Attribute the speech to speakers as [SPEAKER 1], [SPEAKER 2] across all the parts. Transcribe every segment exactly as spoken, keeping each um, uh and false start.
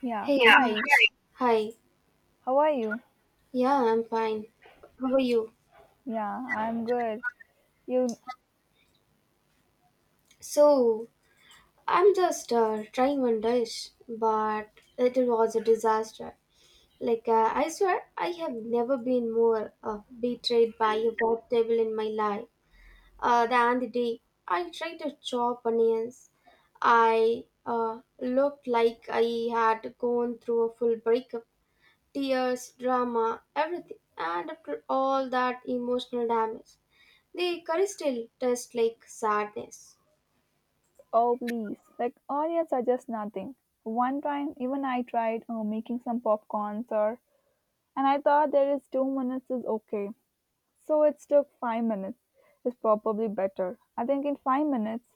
[SPEAKER 1] Yeah.
[SPEAKER 2] Hey, Yeah.
[SPEAKER 1] Hi.
[SPEAKER 2] hi. Hi.
[SPEAKER 1] How are you?
[SPEAKER 2] Yeah, I'm fine. How are you?
[SPEAKER 1] Yeah, I'm good. You
[SPEAKER 2] So, I'm just uh, trying one dish, but it was a disaster. Like, uh, I swear, I have never been more uh, betrayed by a vegetable in my life uh, than the day I tried to chop onions. I uh, looked like I had gone through a full breakup. Tears, drama, everything. And after all that emotional damage, the curry still tastes like sadness.
[SPEAKER 1] Oh, please. Like onions are just nothing. One time even I tried uh, making some popcorns or and I thought there is two minutes is okay. So it took five minutes. It's probably better. I think in five minutes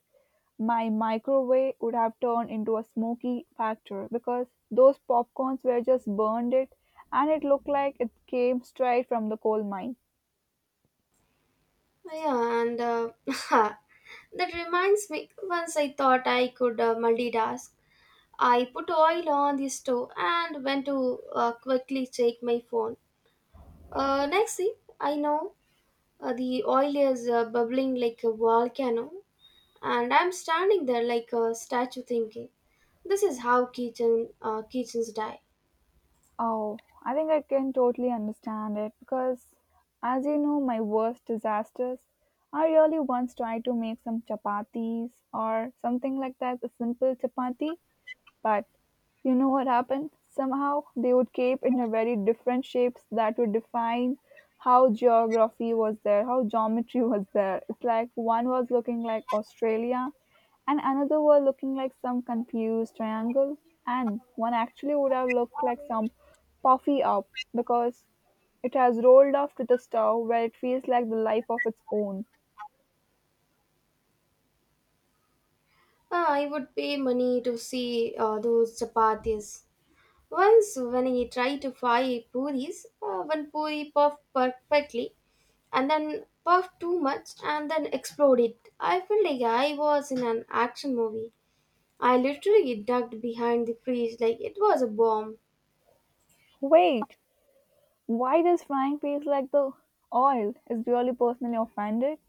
[SPEAKER 1] my microwave would have turned into a smoky factor because those popcorns were just burned it and it looked like it came straight from the coal mine.
[SPEAKER 2] Yeah, and uh, that reminds me, once I thought I could uh, multitask, I put oil on the stove and went to uh, quickly check my phone. Uh, next thing I know, uh, the oil is uh, bubbling like a volcano and I'm standing there like a statue thinking, this is how kitchen uh, kitchens die.
[SPEAKER 1] Oh, I think I can totally understand it because, as you know, my worst disasters. I really once tried to make some chapatis or something like that, a simple chapati, but you know what happened? Somehow they would cape in a very different shapes that would define how geography was there, how geometry was there. It's like one was looking like Australia and another was looking like some confused triangle, and one actually would have looked like some puffy up because it has rolled off to the stove where it feels like the life of its own.
[SPEAKER 2] Ah, I would pay money to see uh, those chapatis. Once, when I tried to fry puris, uh, one puri puffed perfectly and then puffed too much and then exploded. I felt like I was in an action movie. I literally ducked behind the fridge like it was a bomb.
[SPEAKER 1] Wait, why does frying feels like the oil? Is really personally offended?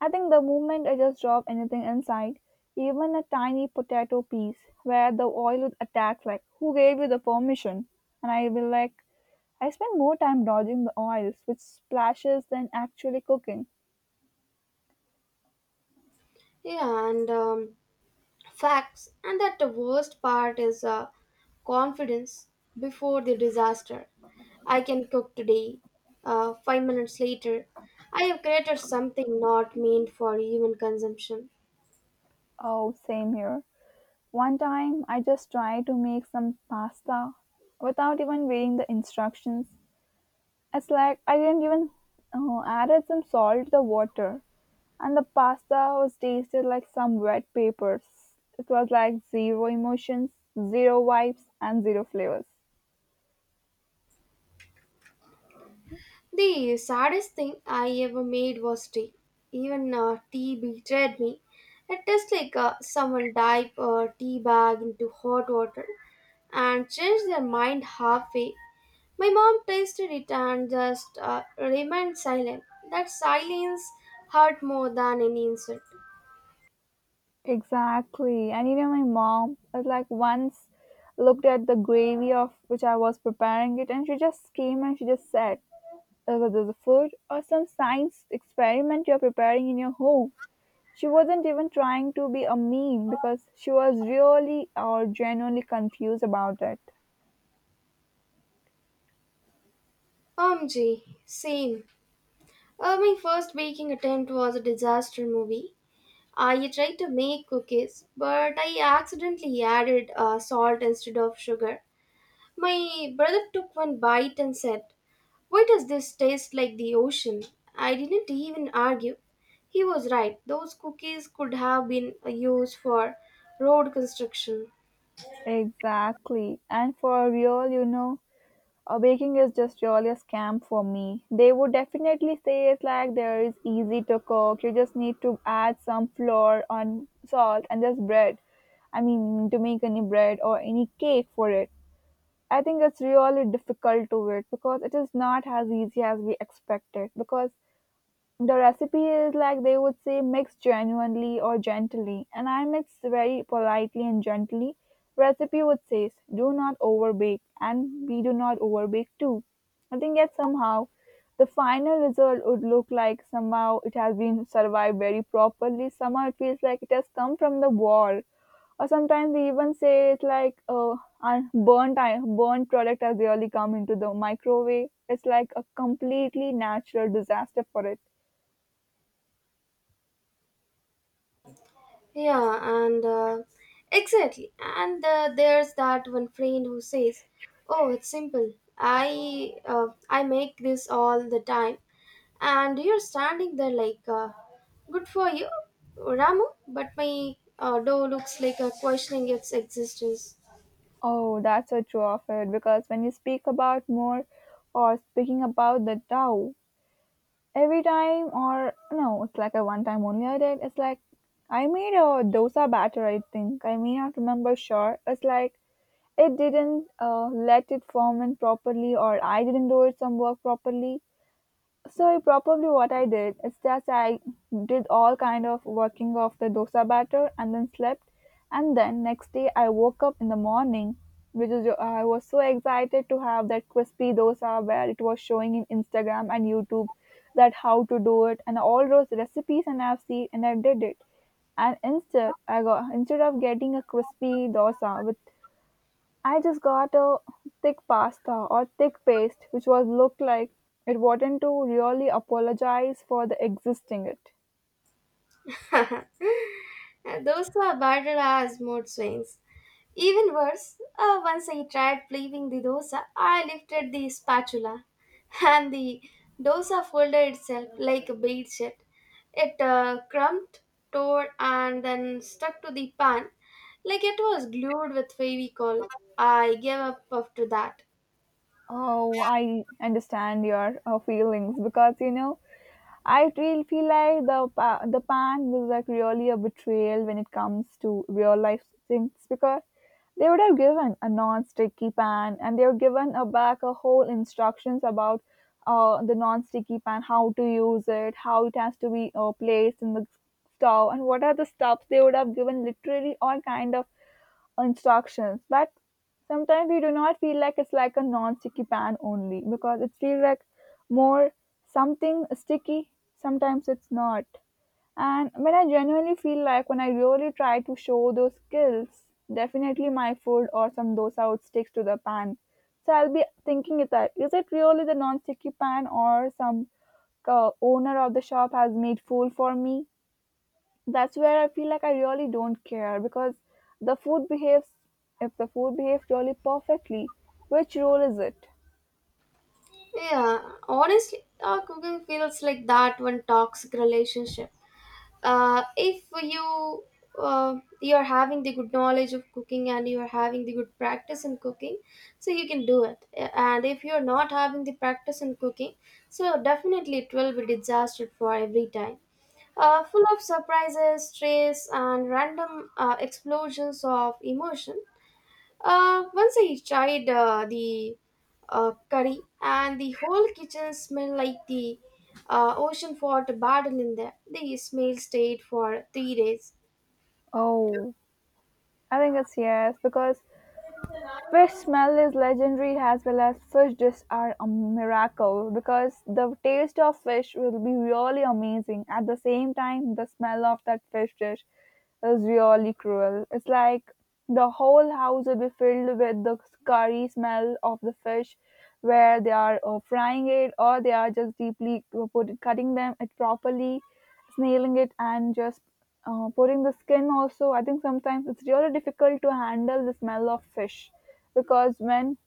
[SPEAKER 1] I think the moment I just drop anything inside, even a tiny potato piece, where the oil would attack, like, who gave you the permission? And I will like, I spend more time dodging the oils, which splashes, than actually cooking.
[SPEAKER 2] Yeah, and um, Facts, and that the worst part is uh, confidence before the disaster. I can cook today. Uh, five minutes later, I have created something not meant for human consumption.
[SPEAKER 1] Oh, same here. One time I just tried to make some pasta without even reading the instructions. It's like I didn't even oh, added some salt to the water, and the pasta was tasted like some wet papers. It was like zero emotions, zero vibes, and zero flavors.
[SPEAKER 2] The saddest thing I ever made was tea. Even uh, tea betrayed me. It tastes like uh, someone dipped a tea bag into hot water and changed their mind halfway. My mom tasted it and just uh, remained silent. That silence hurt more than any insult.
[SPEAKER 1] Exactly. And you know, my mom was like once looked at the gravy of which I was preparing it, and she just came and she just said, "Is it the food or some science experiment you're preparing in your home?" She wasn't even trying to be a meme because she was really or genuinely confused about it.
[SPEAKER 2] O M G, same. Uh, my first baking attempt was a disaster movie. I tried to make cookies, but I accidentally added uh, salt instead of sugar. My brother took one bite and said, "Why does this taste like the ocean?" I didn't even argue. He was right. Those cookies could have been uh, used for road construction.
[SPEAKER 1] Exactly. And for real, you know, uh, baking is just really a scam for me. They would definitely say it's like there is easy to cook. You just need to add some flour on salt and just bread. I mean, to make any bread or any cake for it. I think it's really difficult to it because it is not as easy as we expected. Because the recipe is like they would say mix genuinely or gently, and I mix very politely and gently. Recipe would say do not overbake, and we do not overbake too. I think yet somehow the final result would look like somehow it has been survived very properly. Somehow it feels like it has come from the wall, or sometimes we even say it's like uh, un- burnt i- burnt product has really come into the microwave. It's like a completely natural disaster for it.
[SPEAKER 2] Yeah, and uh, Exactly. And uh, There's that one friend who says, "Oh, it's simple. I uh, I make this all the time," and you're standing there like, uh, "Good for you, Ramu," but my uh, dough looks like a questioning its existence.
[SPEAKER 1] Oh, that's a true of it because when you speak about more or speaking about the Tao, every time or no, it's like a one time only I did. It's like I made a dosa batter, I think. I may not remember sure. It's like it didn't uh, let it ferment properly or I didn't do it some work properly. So probably what I did is just I did all kind of working of the dosa batter and then slept, and then next day I woke up in the morning, which is I was so excited to have that crispy dosa where it was showing in Instagram and YouTube that how to do it and all those recipes and I've seen and I did it and instead I got instead of getting a crispy dosa with I just got a thick pasta or thick paste which was looked like it wanted to really apologize for the existing it.
[SPEAKER 2] And those were barred as mood swings. Even worse, uh, once I tried flipping the dosa, I lifted the spatula and the dosa folded itself like a bedsheet. It uh, crumped, tore, and then stuck to the pan like it was glued with Fevicol. I gave up after that.
[SPEAKER 1] Oh, I understand your uh, feelings because you know I really feel like the pa- the pang was like really a betrayal when it comes to real life things because they would have given a non-sticky pan and they were given a back a whole instructions about uh, the non-sticky pan how to use it how it has to be uh, placed in the stove and what are the stuffs they would have given literally all kind of instructions, but sometimes we do not feel like it's like a non-sticky pan only because it feels like more something sticky. Sometimes it's not. And when I genuinely feel like when I really try to show those skills, definitely my food or some dosa would stick to the pan. So I'll be thinking is that is it really the non-sticky pan or some uh, owner of the shop has made fool for me? That's where I feel like I really don't care because the food behaves if the food behaves really perfectly, which role is it?
[SPEAKER 2] Yeah, honestly, our cooking feels like that one toxic relationship. Uh, if you uh, You are having the good knowledge of cooking and you are having the good practice in cooking, so you can do it, and if you are not having the practice in cooking, so definitely it will be disaster for every time, uh, full of surprises, stress, and random uh, explosions of emotion. Uh, once I tried uh, the uh, curry, and the whole kitchen smelled like the uh, ocean fought a battle in there. The smell stayed for three days.
[SPEAKER 1] Oh, I think it's yes because fish smell is legendary as well as fish dishes are a miracle because the taste of fish will be really amazing. At the same time, the smell of that fish dish is really cruel. It's like the whole house will be filled with the curry smell of the fish, where they are uh, frying it or they are just deeply uh, put, cutting them it properly snealing it and just uh, putting the skin also. I think sometimes it's really difficult to handle the smell of fish because when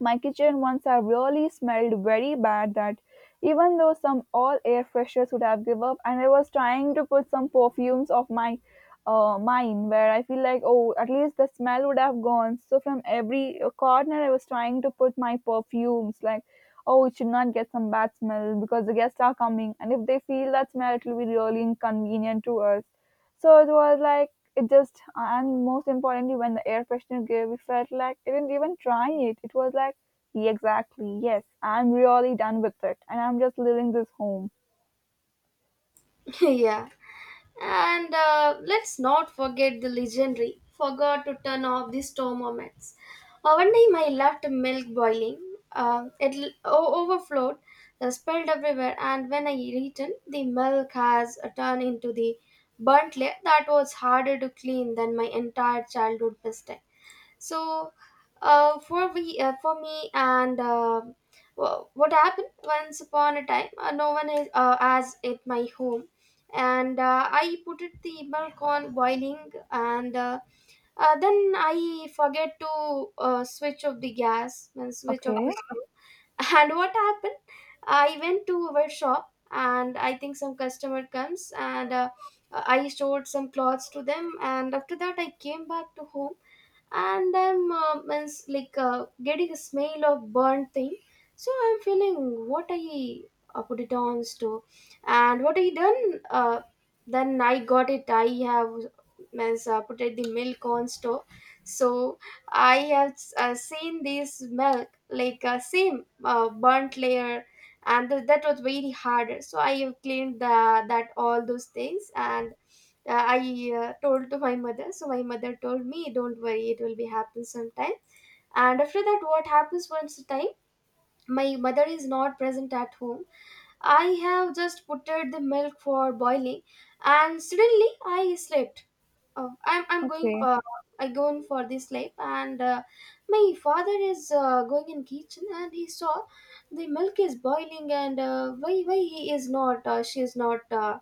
[SPEAKER 1] my kitchen once I really smelled very bad that even though some all air freshers would have give up and I was trying to put some perfumes of my uh, mine where I feel like oh at least the smell would have gone so from every corner I was trying to put my perfumes like oh it should not get some bad smell because the guests are coming and if they feel that smell it will be really inconvenient to us so it was like it just and most importantly when the air freshener gave we felt like I didn't even try it. It was like yeah, exactly, yes, I'm really done with it and I'm just leaving this home.
[SPEAKER 2] Yeah. And uh, Let's not forget the legendary forgot to turn off the stove moments. Uh, one time I left milk boiling. Uh, it l- o- overflowed, uh, spilled everywhere, and when I returned, the milk has uh, turned into the burnt layer that was harder to clean than my entire childhood mistake. So, uh, for we, uh, for me, and uh, wha- what happened once upon a time, uh, no one is, uh, as at my home, and uh, I put it the milk on boiling, and uh, uh, then I forget to uh, switch off the gas and switch off
[SPEAKER 1] Okay,
[SPEAKER 2] the stove, and what happened, I went to our shop and I think some customer comes, and uh, I showed some clothes to them, and after that I came back to home, and I'm um, means like uh, getting a smell of burnt thing, so I'm feeling what I uh, put it on stove, and what I done. uh, then I got it, I have, means uh, put it the milk on stove, so I have uh, seen this milk like uh, same uh, burnt layer, and th- that was very hard, so I have cleaned the, that all those things, and uh, I uh, told to my mother, so my mother told me don't worry, it will be happen sometime. And after that, what happens, once a time my mother is not present at home, I have just put the milk for boiling, and suddenly I slept. Oh, I'm I'm going
[SPEAKER 1] okay.
[SPEAKER 2] for, I going for this lab, and uh, my father is uh, going in kitchen, and he saw the milk is boiling, and uh, why why he is not, uh, she is not, uh,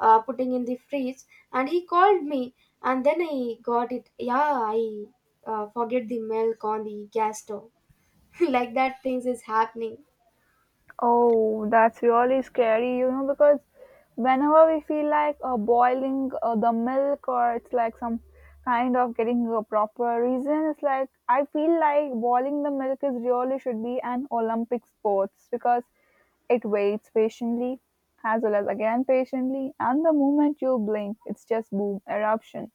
[SPEAKER 2] uh, putting in the fridge, and he called me, and then I got it, yeah, I uh, forget the milk on the gas stove. Like that things is happening.
[SPEAKER 1] Oh, that's really scary, you know, because whenever we feel like uh, boiling uh, the milk or it's like some kind of getting a proper reason, it's like I feel like boiling the milk is really should be an Olympic sports because it waits patiently as well as again patiently, and the moment you blink, it's just boom eruption.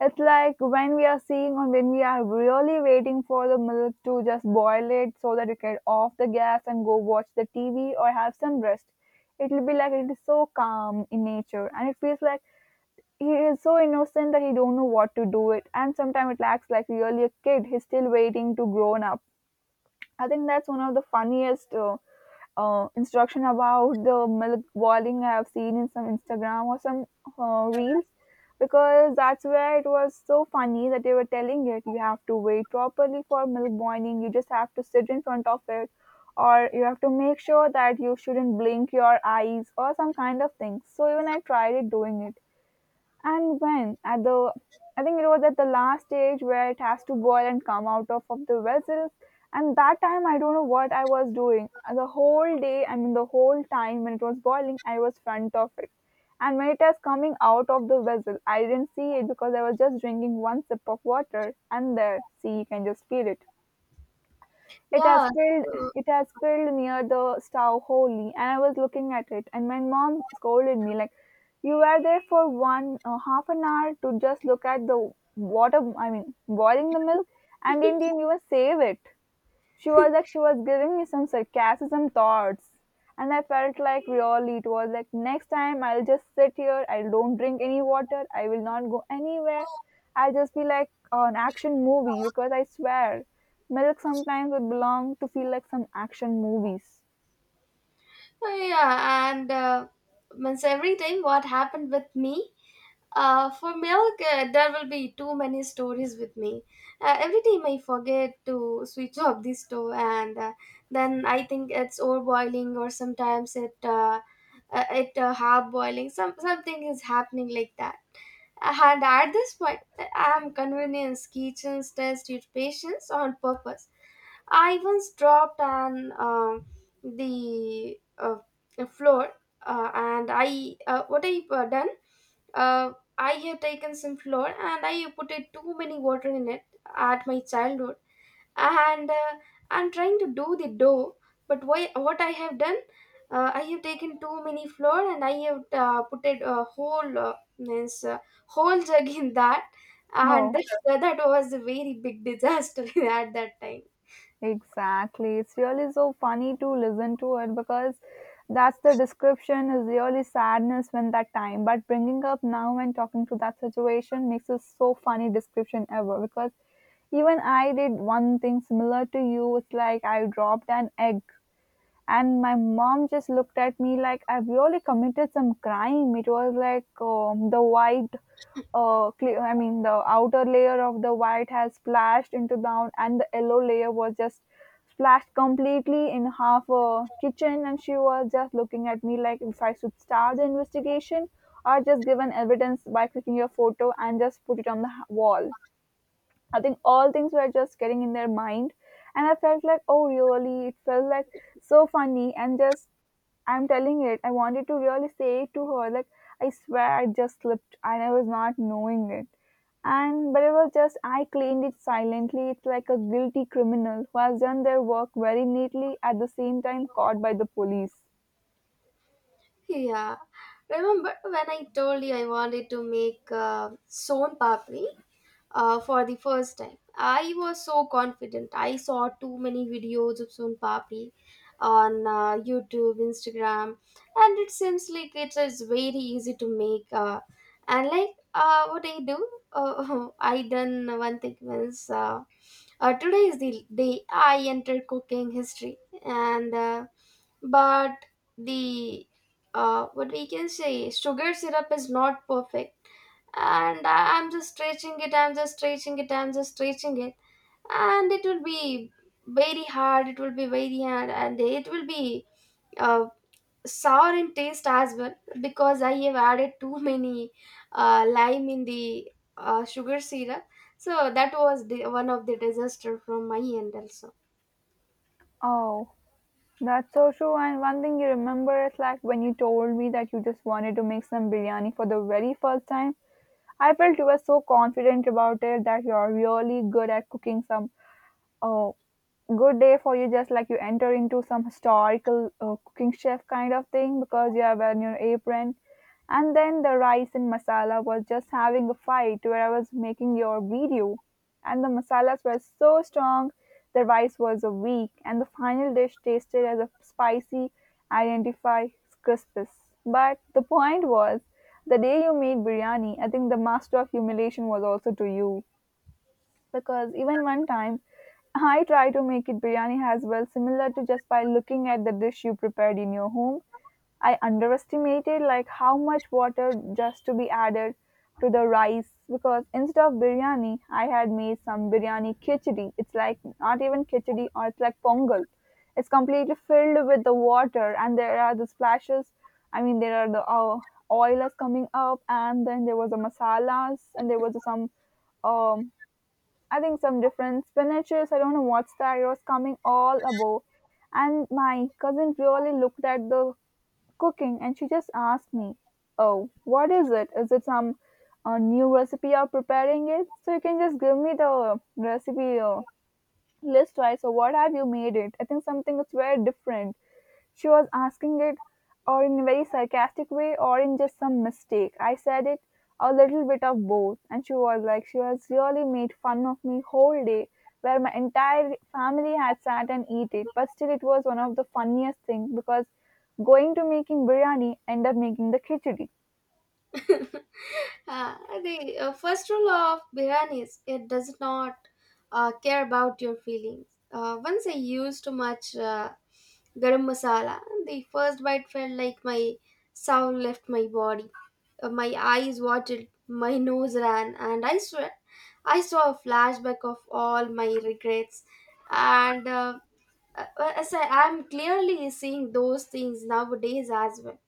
[SPEAKER 1] It's like when we are seeing or when we are really waiting for the milk to just boil it so that you can off the gas and go watch the T V or have some rest. It will be like it is so calm in nature and it feels like he is so innocent that he don't know what to do it and sometimes it acts like really a kid. He's still waiting to grown up. I think that's one of the funniest uh, uh, instruction about the milk boiling I have seen in some Instagram or some uh, reels because that's where it was so funny that they were telling it you have to wait properly for milk boiling, you just have to sit in front of it, or you have to make sure that you shouldn't blink your eyes or some kind of thing. So, even I tried it doing it and when at the, I think it was at the last stage where it has to boil and come out of, of, the vessel. And that time, I don't know what I was doing. Uh, The whole day, I mean, the whole time when it was boiling, I was front of it. And when it was coming out of the vessel, I didn't see it because I was just drinking one sip of water. And there, see, you can just feel it. It has
[SPEAKER 2] yeah
[SPEAKER 1] filled
[SPEAKER 2] so-
[SPEAKER 1] it has filled near the stove wholly, and I was looking at it, and my mom scolded me like, "You were there for one uh, half an hour to just look at the water. I mean, boiling the milk, and in the end you will save it." She was like she was giving me some sarcasm thoughts. And I felt like really it was like next time I'll just sit here, I don't drink any water, I will not go anywhere. I'll just be like an action movie because I swear milk sometimes would belong to feel like some action movies.
[SPEAKER 2] yeah and uh, Means every time what happened with me. Uh, for milk, uh, there will be too many stories with me. Uh, every time I forget to switch off the stove, and uh, then I think it's overboiling, or sometimes it uh, uh, it uh, half boiling. Some something is happening like that. And at this point, I am convinced kitchens test your patience on purpose. I once dropped on um, the uh, floor, uh, and I, uh, what I uh, done. Uh, I have taken some flour and I put it too many water in it at my childhood, and uh, I'm trying to do the dough, but why, what I have done, uh, I have taken too many flour and I have uh, put it a whole, uh, means uh, whole jug in that, and
[SPEAKER 1] Oh.
[SPEAKER 2] that, that was a very big disaster at that time.
[SPEAKER 1] Exactly. It's really so funny to listen to it because that's the description is really sadness when that time. But bringing up now and talking to that situation makes it so funny description ever because even I did one thing similar to you. It's like I dropped an egg and my mom just looked at me like I really committed some crime. It was like um, the white, uh, cle- I mean, the outer layer of the white has splashed into down, and the yellow layer was just splashed completely in half a kitchen. And she was just looking at me like if I should start the investigation or just give an evidence by clicking your photo and just put it on the h- wall. I think all things were just getting in their mind, and I felt like, oh, really, it felt like so funny, and just I'm telling it, I wanted to really say it to her, like, I swear I just slipped and I was not knowing it. And but it was just I cleaned it silently. It's like a guilty criminal who has done their work very neatly at the same time caught by the police.
[SPEAKER 2] Yeah, remember when I told you I wanted to make uh, son papri uh, for the first time. I was so confident. I saw too many videos of Sun papi on uh, YouTube, Instagram, and it seems like it is very easy to make. Uh, and like uh, What I do, uh, I done one thing, means, uh, uh, today is the day I entered cooking history, and uh, but the uh, what we can say, sugar syrup is not perfect, and I- I'm just stretching it, I'm just stretching it, I'm just stretching it, and it will be very hard, it will be very hard, and it will be uh, sour in taste as well, because I have added too many uh, lime in the uh, sugar syrup. So that was the, one of the disaster from my end also.
[SPEAKER 1] Oh, that's so true. And one thing you remember is like when you told me that you just wanted to make some biryani for the very first time, I felt you were so confident about it that you're really good at cooking some. Oh, good day for you. Just like you enter into some historical uh, cooking chef kind of thing because you are wearing your apron. And then the rice and masala was just having a fight where I was making your video. And the masalas were so strong, the rice was a weak, and the final dish tasted as a spicy identify crispus. But the point was, the day you made biryani, I think the master of humiliation was also to you because even one time I tried to make it biryani as well, similar to just by looking at the dish you prepared in your home. I underestimated like how much water just to be added to the rice because instead of biryani, I had made some biryani khichdi. It's like not even khichdi or it's like pongal. It's completely filled with the water and there are the splashes. I mean, there are the uh, oil is coming up and then there was the masalas and there was some um, I think some different spinaches. I don't know what's that. It was coming all above, and my cousin really looked at the cooking, and she just asked me, "Oh, what is it? Is it some uh, new recipe you're preparing it? So you can just give me the recipe uh, list, right? So what have you made it? I think something that's very different." She was asking it or in a very sarcastic way or in just some mistake. I said it a little bit of both, and she was like, she has really made fun of me whole day, where my entire family had sat and eat it. But still, it was one of the funniest things because going to making biryani end up making the khichdi.
[SPEAKER 2] Uh, the uh, first rule of biryani is it does not uh, care about your feelings. Uh, once I used too much uh, garam masala, the first bite felt like my soul left my body. Uh, my eyes watered, my nose ran, and I swear I saw a flashback of all my regrets. And uh, uh, as I am clearly seeing those things nowadays as well.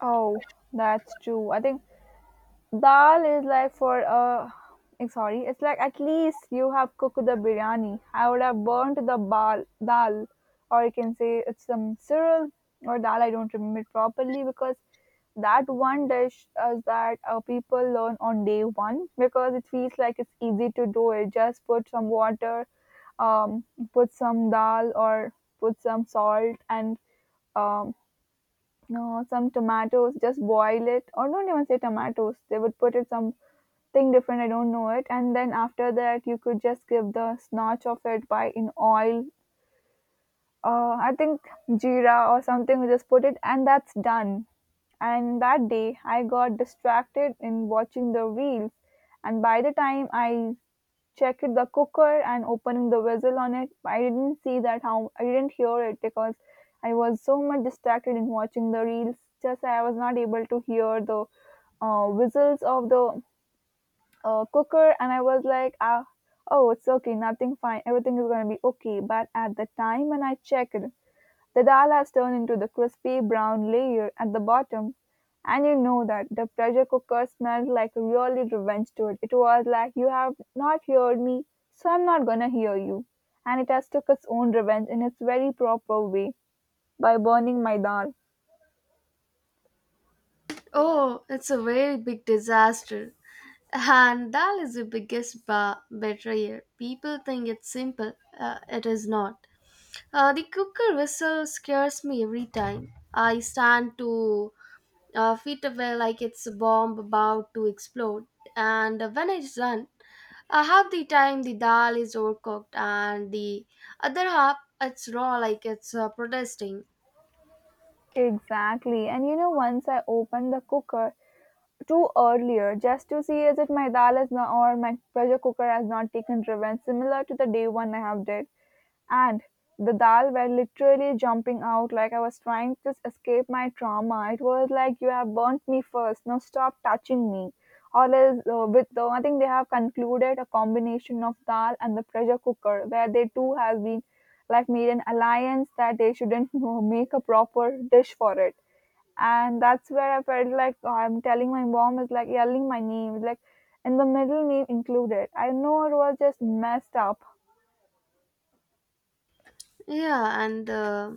[SPEAKER 1] Oh, that's true. I think dal is like for uh I'm sorry, it's like at least you have cooked the biryani. I would have burnt the bal dal, or you can say it's some cyril or dal. I don't remember it properly because that one dish is that uh, people learn on day one because it feels like it's easy to do it. Just put some water, um, put some dal or put some salt and um, no, some tomatoes, just boil it, or don't even say tomatoes. They would put it something different. I don't know it. And then after that, you could just give the snatch of it by in oil. Uh, I think jeera or something. We just put it, and that's done. And that day, I got distracted in watching the reels. And by the time I checked the cooker and opening the vessel on it. I didn't see that how I didn't hear it because I was so much distracted in watching the reels. Just I was not able to hear the uh, whistles of the uh, cooker, and I was like, ah, oh, it's okay, nothing fine, everything is gonna be okay. But at the time when I checked, the dal has turned into the crispy brown layer at the bottom, and you know that the pressure cooker smelled like a really revenge to it. It was like you have not heard me, so I'm not gonna hear you. And it has took its own revenge in its very proper way by burning my dal.
[SPEAKER 2] Oh, it's a very big disaster. And that is the biggest ba- betrayer. People think it's simple. Uh, it is not. Uh, the cooker whistle scares me every time. I stand two uh, feet away like it's a bomb about to explode. And when it's done, uh, half the time the dal is overcooked and the other half it's raw like it's uh, protesting.
[SPEAKER 1] Exactly. And you know, once I opened the cooker too earlier just to see as if my dal is not or my pressure cooker has not taken revenge, similar to the day one I have did. And the dal were literally jumping out like I was trying to escape my trauma. It was like, you have burnt me first, now stop touching me. All is uh, with the, I think they have concluded a combination of dal and the pressure cooker, where they too have been like made an alliance that they shouldn't know, make a proper dish for it. And that's where I felt like oh, I'm telling my mom is like yelling my name, like in the middle name included. I know it was just messed up.
[SPEAKER 2] Yeah, and uh,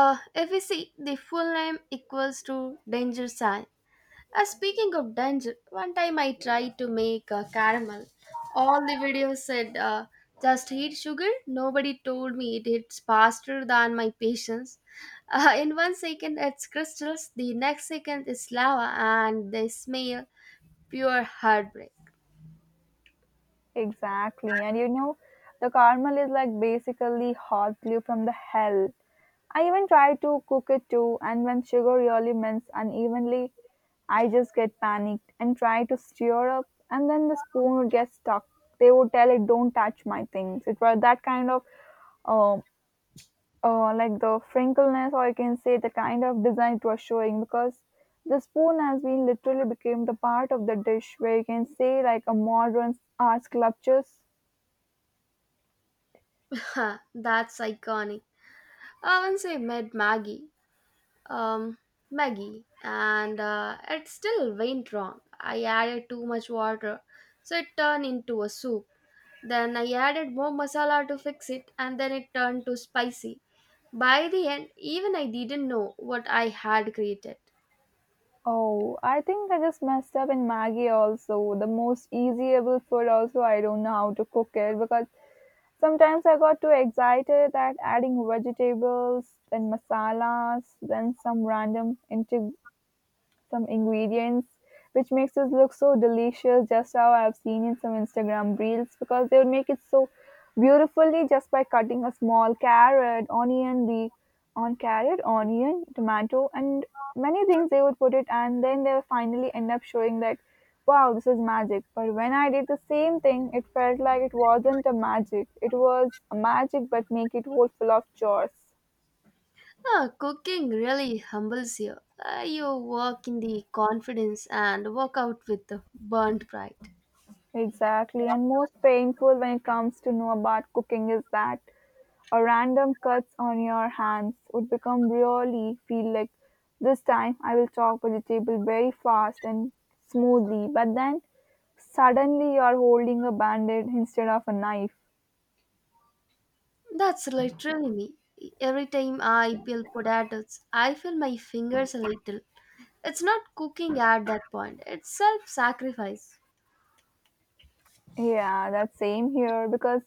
[SPEAKER 2] Uh, if we see the full name equals to danger sign. Uh, speaking of danger, one time I tried to make a caramel. All the videos said, uh, just heat sugar. Nobody told me it hits faster than my patience. Uh, in one second it's crystals, the next second it's lava, and they smell pure heartbreak.
[SPEAKER 1] Exactly. And you know, the caramel is like basically hot glue from the hell. I even try to cook it too, and when sugar really melts unevenly, I just get panicked and try to stir up, and then the spoon would get stuck. They would tell it, "Don't touch my things." It was that kind of, um, uh, like the frinkleness, or I can say the kind of design it was showing, because the spoon has been literally became the part of the dish where you can say like a modern art sculptures.
[SPEAKER 2] That's iconic. Uh, once I met Maggie, um, Maggie, and uh, it still went wrong. I added too much water, so it turned into a soup. Then I added more masala to fix it, and then it turned to spicy. By the end, even I didn't know what I had created.
[SPEAKER 1] Oh, I think I just messed up in Maggie also. The most easyable food also I don't know how to cook it because sometimes I got too excited that adding vegetables and masalas, then some random integ some ingredients which makes it look so delicious just how I've seen in some Instagram reels because they would make it so beautifully just by cutting a small carrot, onion, be, on carrot, onion, tomato and many things they would put it and then they will finally end up showing that wow, this is magic, but when I did the same thing it felt like it wasn't a magic, it was a magic but make it whole full of chores.
[SPEAKER 2] Ah, cooking really humbles you. Ah, you walk in the confidence and walk out with the burnt pride.
[SPEAKER 1] Exactly, and most painful when it comes to know about cooking is that or random cuts on your hands would become really feel like this time I will chop vegetable very fast and smoothly, but then suddenly you're holding a bandage instead of a knife.
[SPEAKER 2] That's literally me. Every time I peel potatoes, I feel my fingers a little. It's not cooking at that point, it's self sacrifice.
[SPEAKER 1] Yeah, that's same here because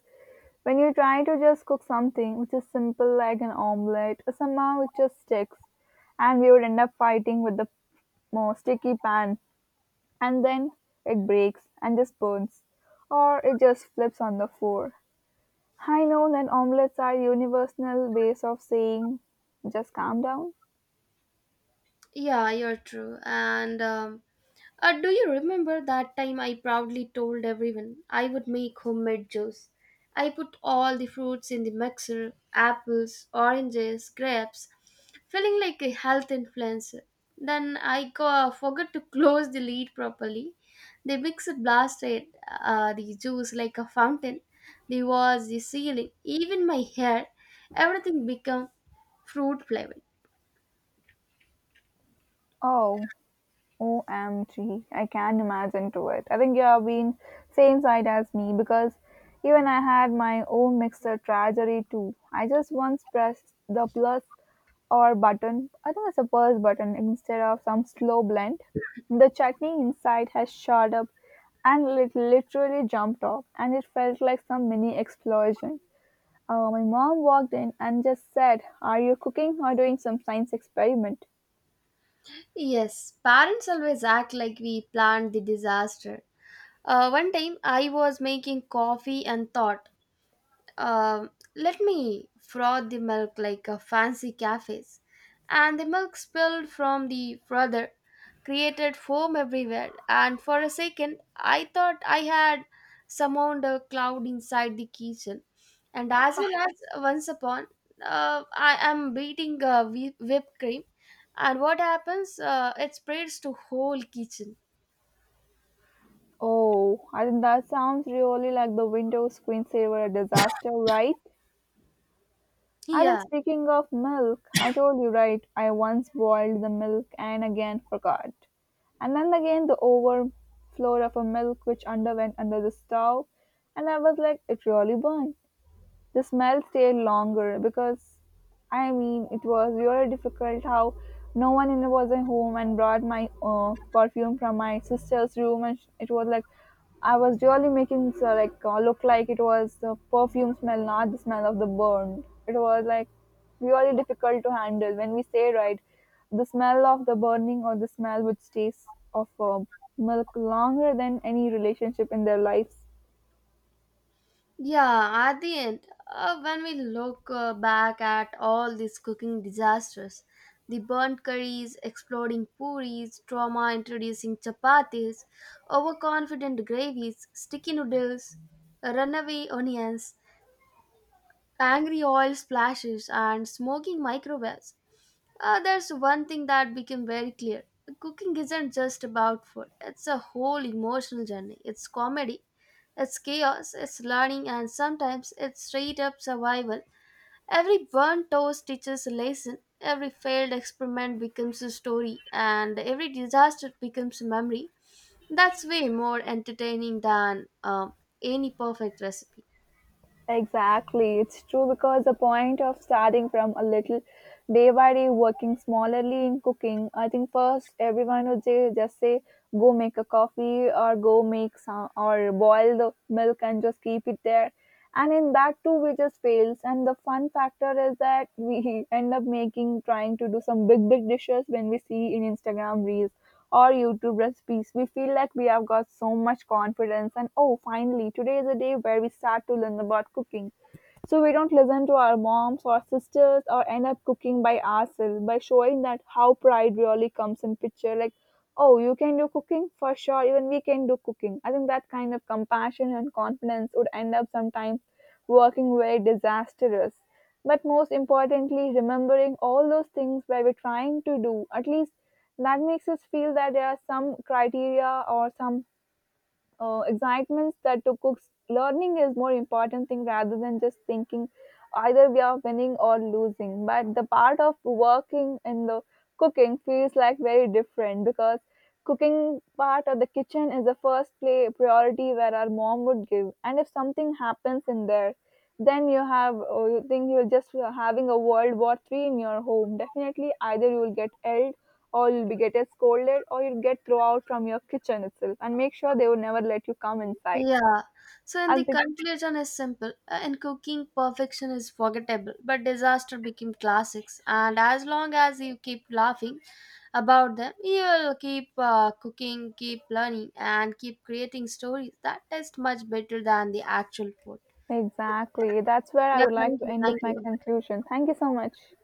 [SPEAKER 1] when you try to just cook something which is simple like an omelette, somehow it just sticks, and we would end up fighting with the more sticky pan, and then it breaks and just burns, or it just flips on the floor. I know that omelets are universal ways of saying just calm down.
[SPEAKER 2] Yeah, you're true. And um, uh, Do you remember that time I proudly told everyone I would make homemade juice? I put all the fruits in the mixer, apples, oranges, grapes, feeling like a health influencer. Then I go, forgot to close the lid properly. The mixer blasted uh, the juice like a fountain. The walls, the ceiling, even my hair, everything became fruit flavor.
[SPEAKER 1] Oh, O M G. I can imagine to it. I think you have been same side as me because even I had my own mixer tragedy too. I just once pressed the plus or button. I think it's a plus button instead of some slow blend. The chutney inside has shot up and it literally jumped off and it felt like some mini explosion. Uh, my mom walked in and just said, "Are you cooking or doing some science experiment?"
[SPEAKER 2] Yes, parents always act like we planned the disaster. Uh, one time I was making coffee and thought, Um, let me froth the milk like a fancy cafes. And the milk spilled from the frother, created foam everywhere. And for a second, I thought I had summoned a cloud inside the kitchen. And as well as once upon, uh, I am beating uh, whi- whipped cream. And what happens? Uh, it spreads to whole kitchen.
[SPEAKER 1] Oh, I think that sounds really like the Windows screensaver disaster, right? I think
[SPEAKER 2] Yeah.
[SPEAKER 1] speaking of milk, I told you right, I once boiled the milk and again forgot. And then again the overflow of a milk which underwent under the stove, and I was like, it really burned. The smell stayed longer because I mean it was really difficult how no one in was at home, and brought my uh, perfume from my sister's room and sh- it was like I was really making so like uh, look like it was the perfume smell not the smell of the burn, it was like really difficult to handle, when we say right, the smell of the burning or the smell which stays of uh, milk longer than any relationship in their lives.
[SPEAKER 2] Yeah, at the end, uh, when we look uh, back at all these cooking disasters, the burnt curries, exploding puris, trauma introducing chapatis, overconfident gravies, sticky noodles, runaway onions, angry oil splashes, and smoking microwaves. Uh, there's one thing that became very clear. Cooking isn't just about food. It's a whole emotional journey. It's comedy, it's chaos, it's learning, and sometimes it's straight up survival. Every burnt toast teaches a lesson, every failed experiment becomes a story, and every disaster becomes a memory. That's way more entertaining than um, any perfect recipe.
[SPEAKER 1] Exactly, it's true because the point of starting from a little day by day, working smaller,ly in cooking. I think first everyone would say, just say, go make a coffee or go make some or boil the milk and just keep it there. And in that too, we just fails. And the fun factor is that we end up making trying to do some big, big dishes when we see in Instagram reels or YouTube recipes. We feel like we have got so much confidence, and oh, finally, today is a day where we start to learn about cooking. So we don't listen to our moms or sisters or end up cooking by ourselves by showing that how pride really comes in picture. Like, oh, you can do cooking for sure. Even we can do cooking. I think that kind of compassion and confidence would end up sometimes working very disastrous, but most importantly, remembering all those things where we're trying to do. At least that makes us feel that there are some criteria or some uh, excitements that to cooks learning is more important thing rather than just thinking either we are winning or losing, but the part of working in the cooking feels like very different because cooking part of the kitchen is the first play priority where our mom would give, and if something happens in there then you have or you think you're just having a world war three in your home, definitely either you will get ill or you'll be get scolded or you'll get thrown out from your kitchen itself and make sure they would never let you come inside.
[SPEAKER 2] Yeah. So in the
[SPEAKER 1] As the,
[SPEAKER 2] conclusion is simple. Uh, In cooking, perfection is forgettable, but disaster became classics. And as long as you keep laughing about them, you'll keep uh, cooking, keep learning, and keep creating stories that taste much better than the actual food.
[SPEAKER 1] exactly. That's where I
[SPEAKER 2] Yeah.
[SPEAKER 1] would like
[SPEAKER 2] Thank
[SPEAKER 1] to
[SPEAKER 2] you.
[SPEAKER 1] end with
[SPEAKER 2] Thank
[SPEAKER 1] my
[SPEAKER 2] you.
[SPEAKER 1] conclusion. Thank you so much.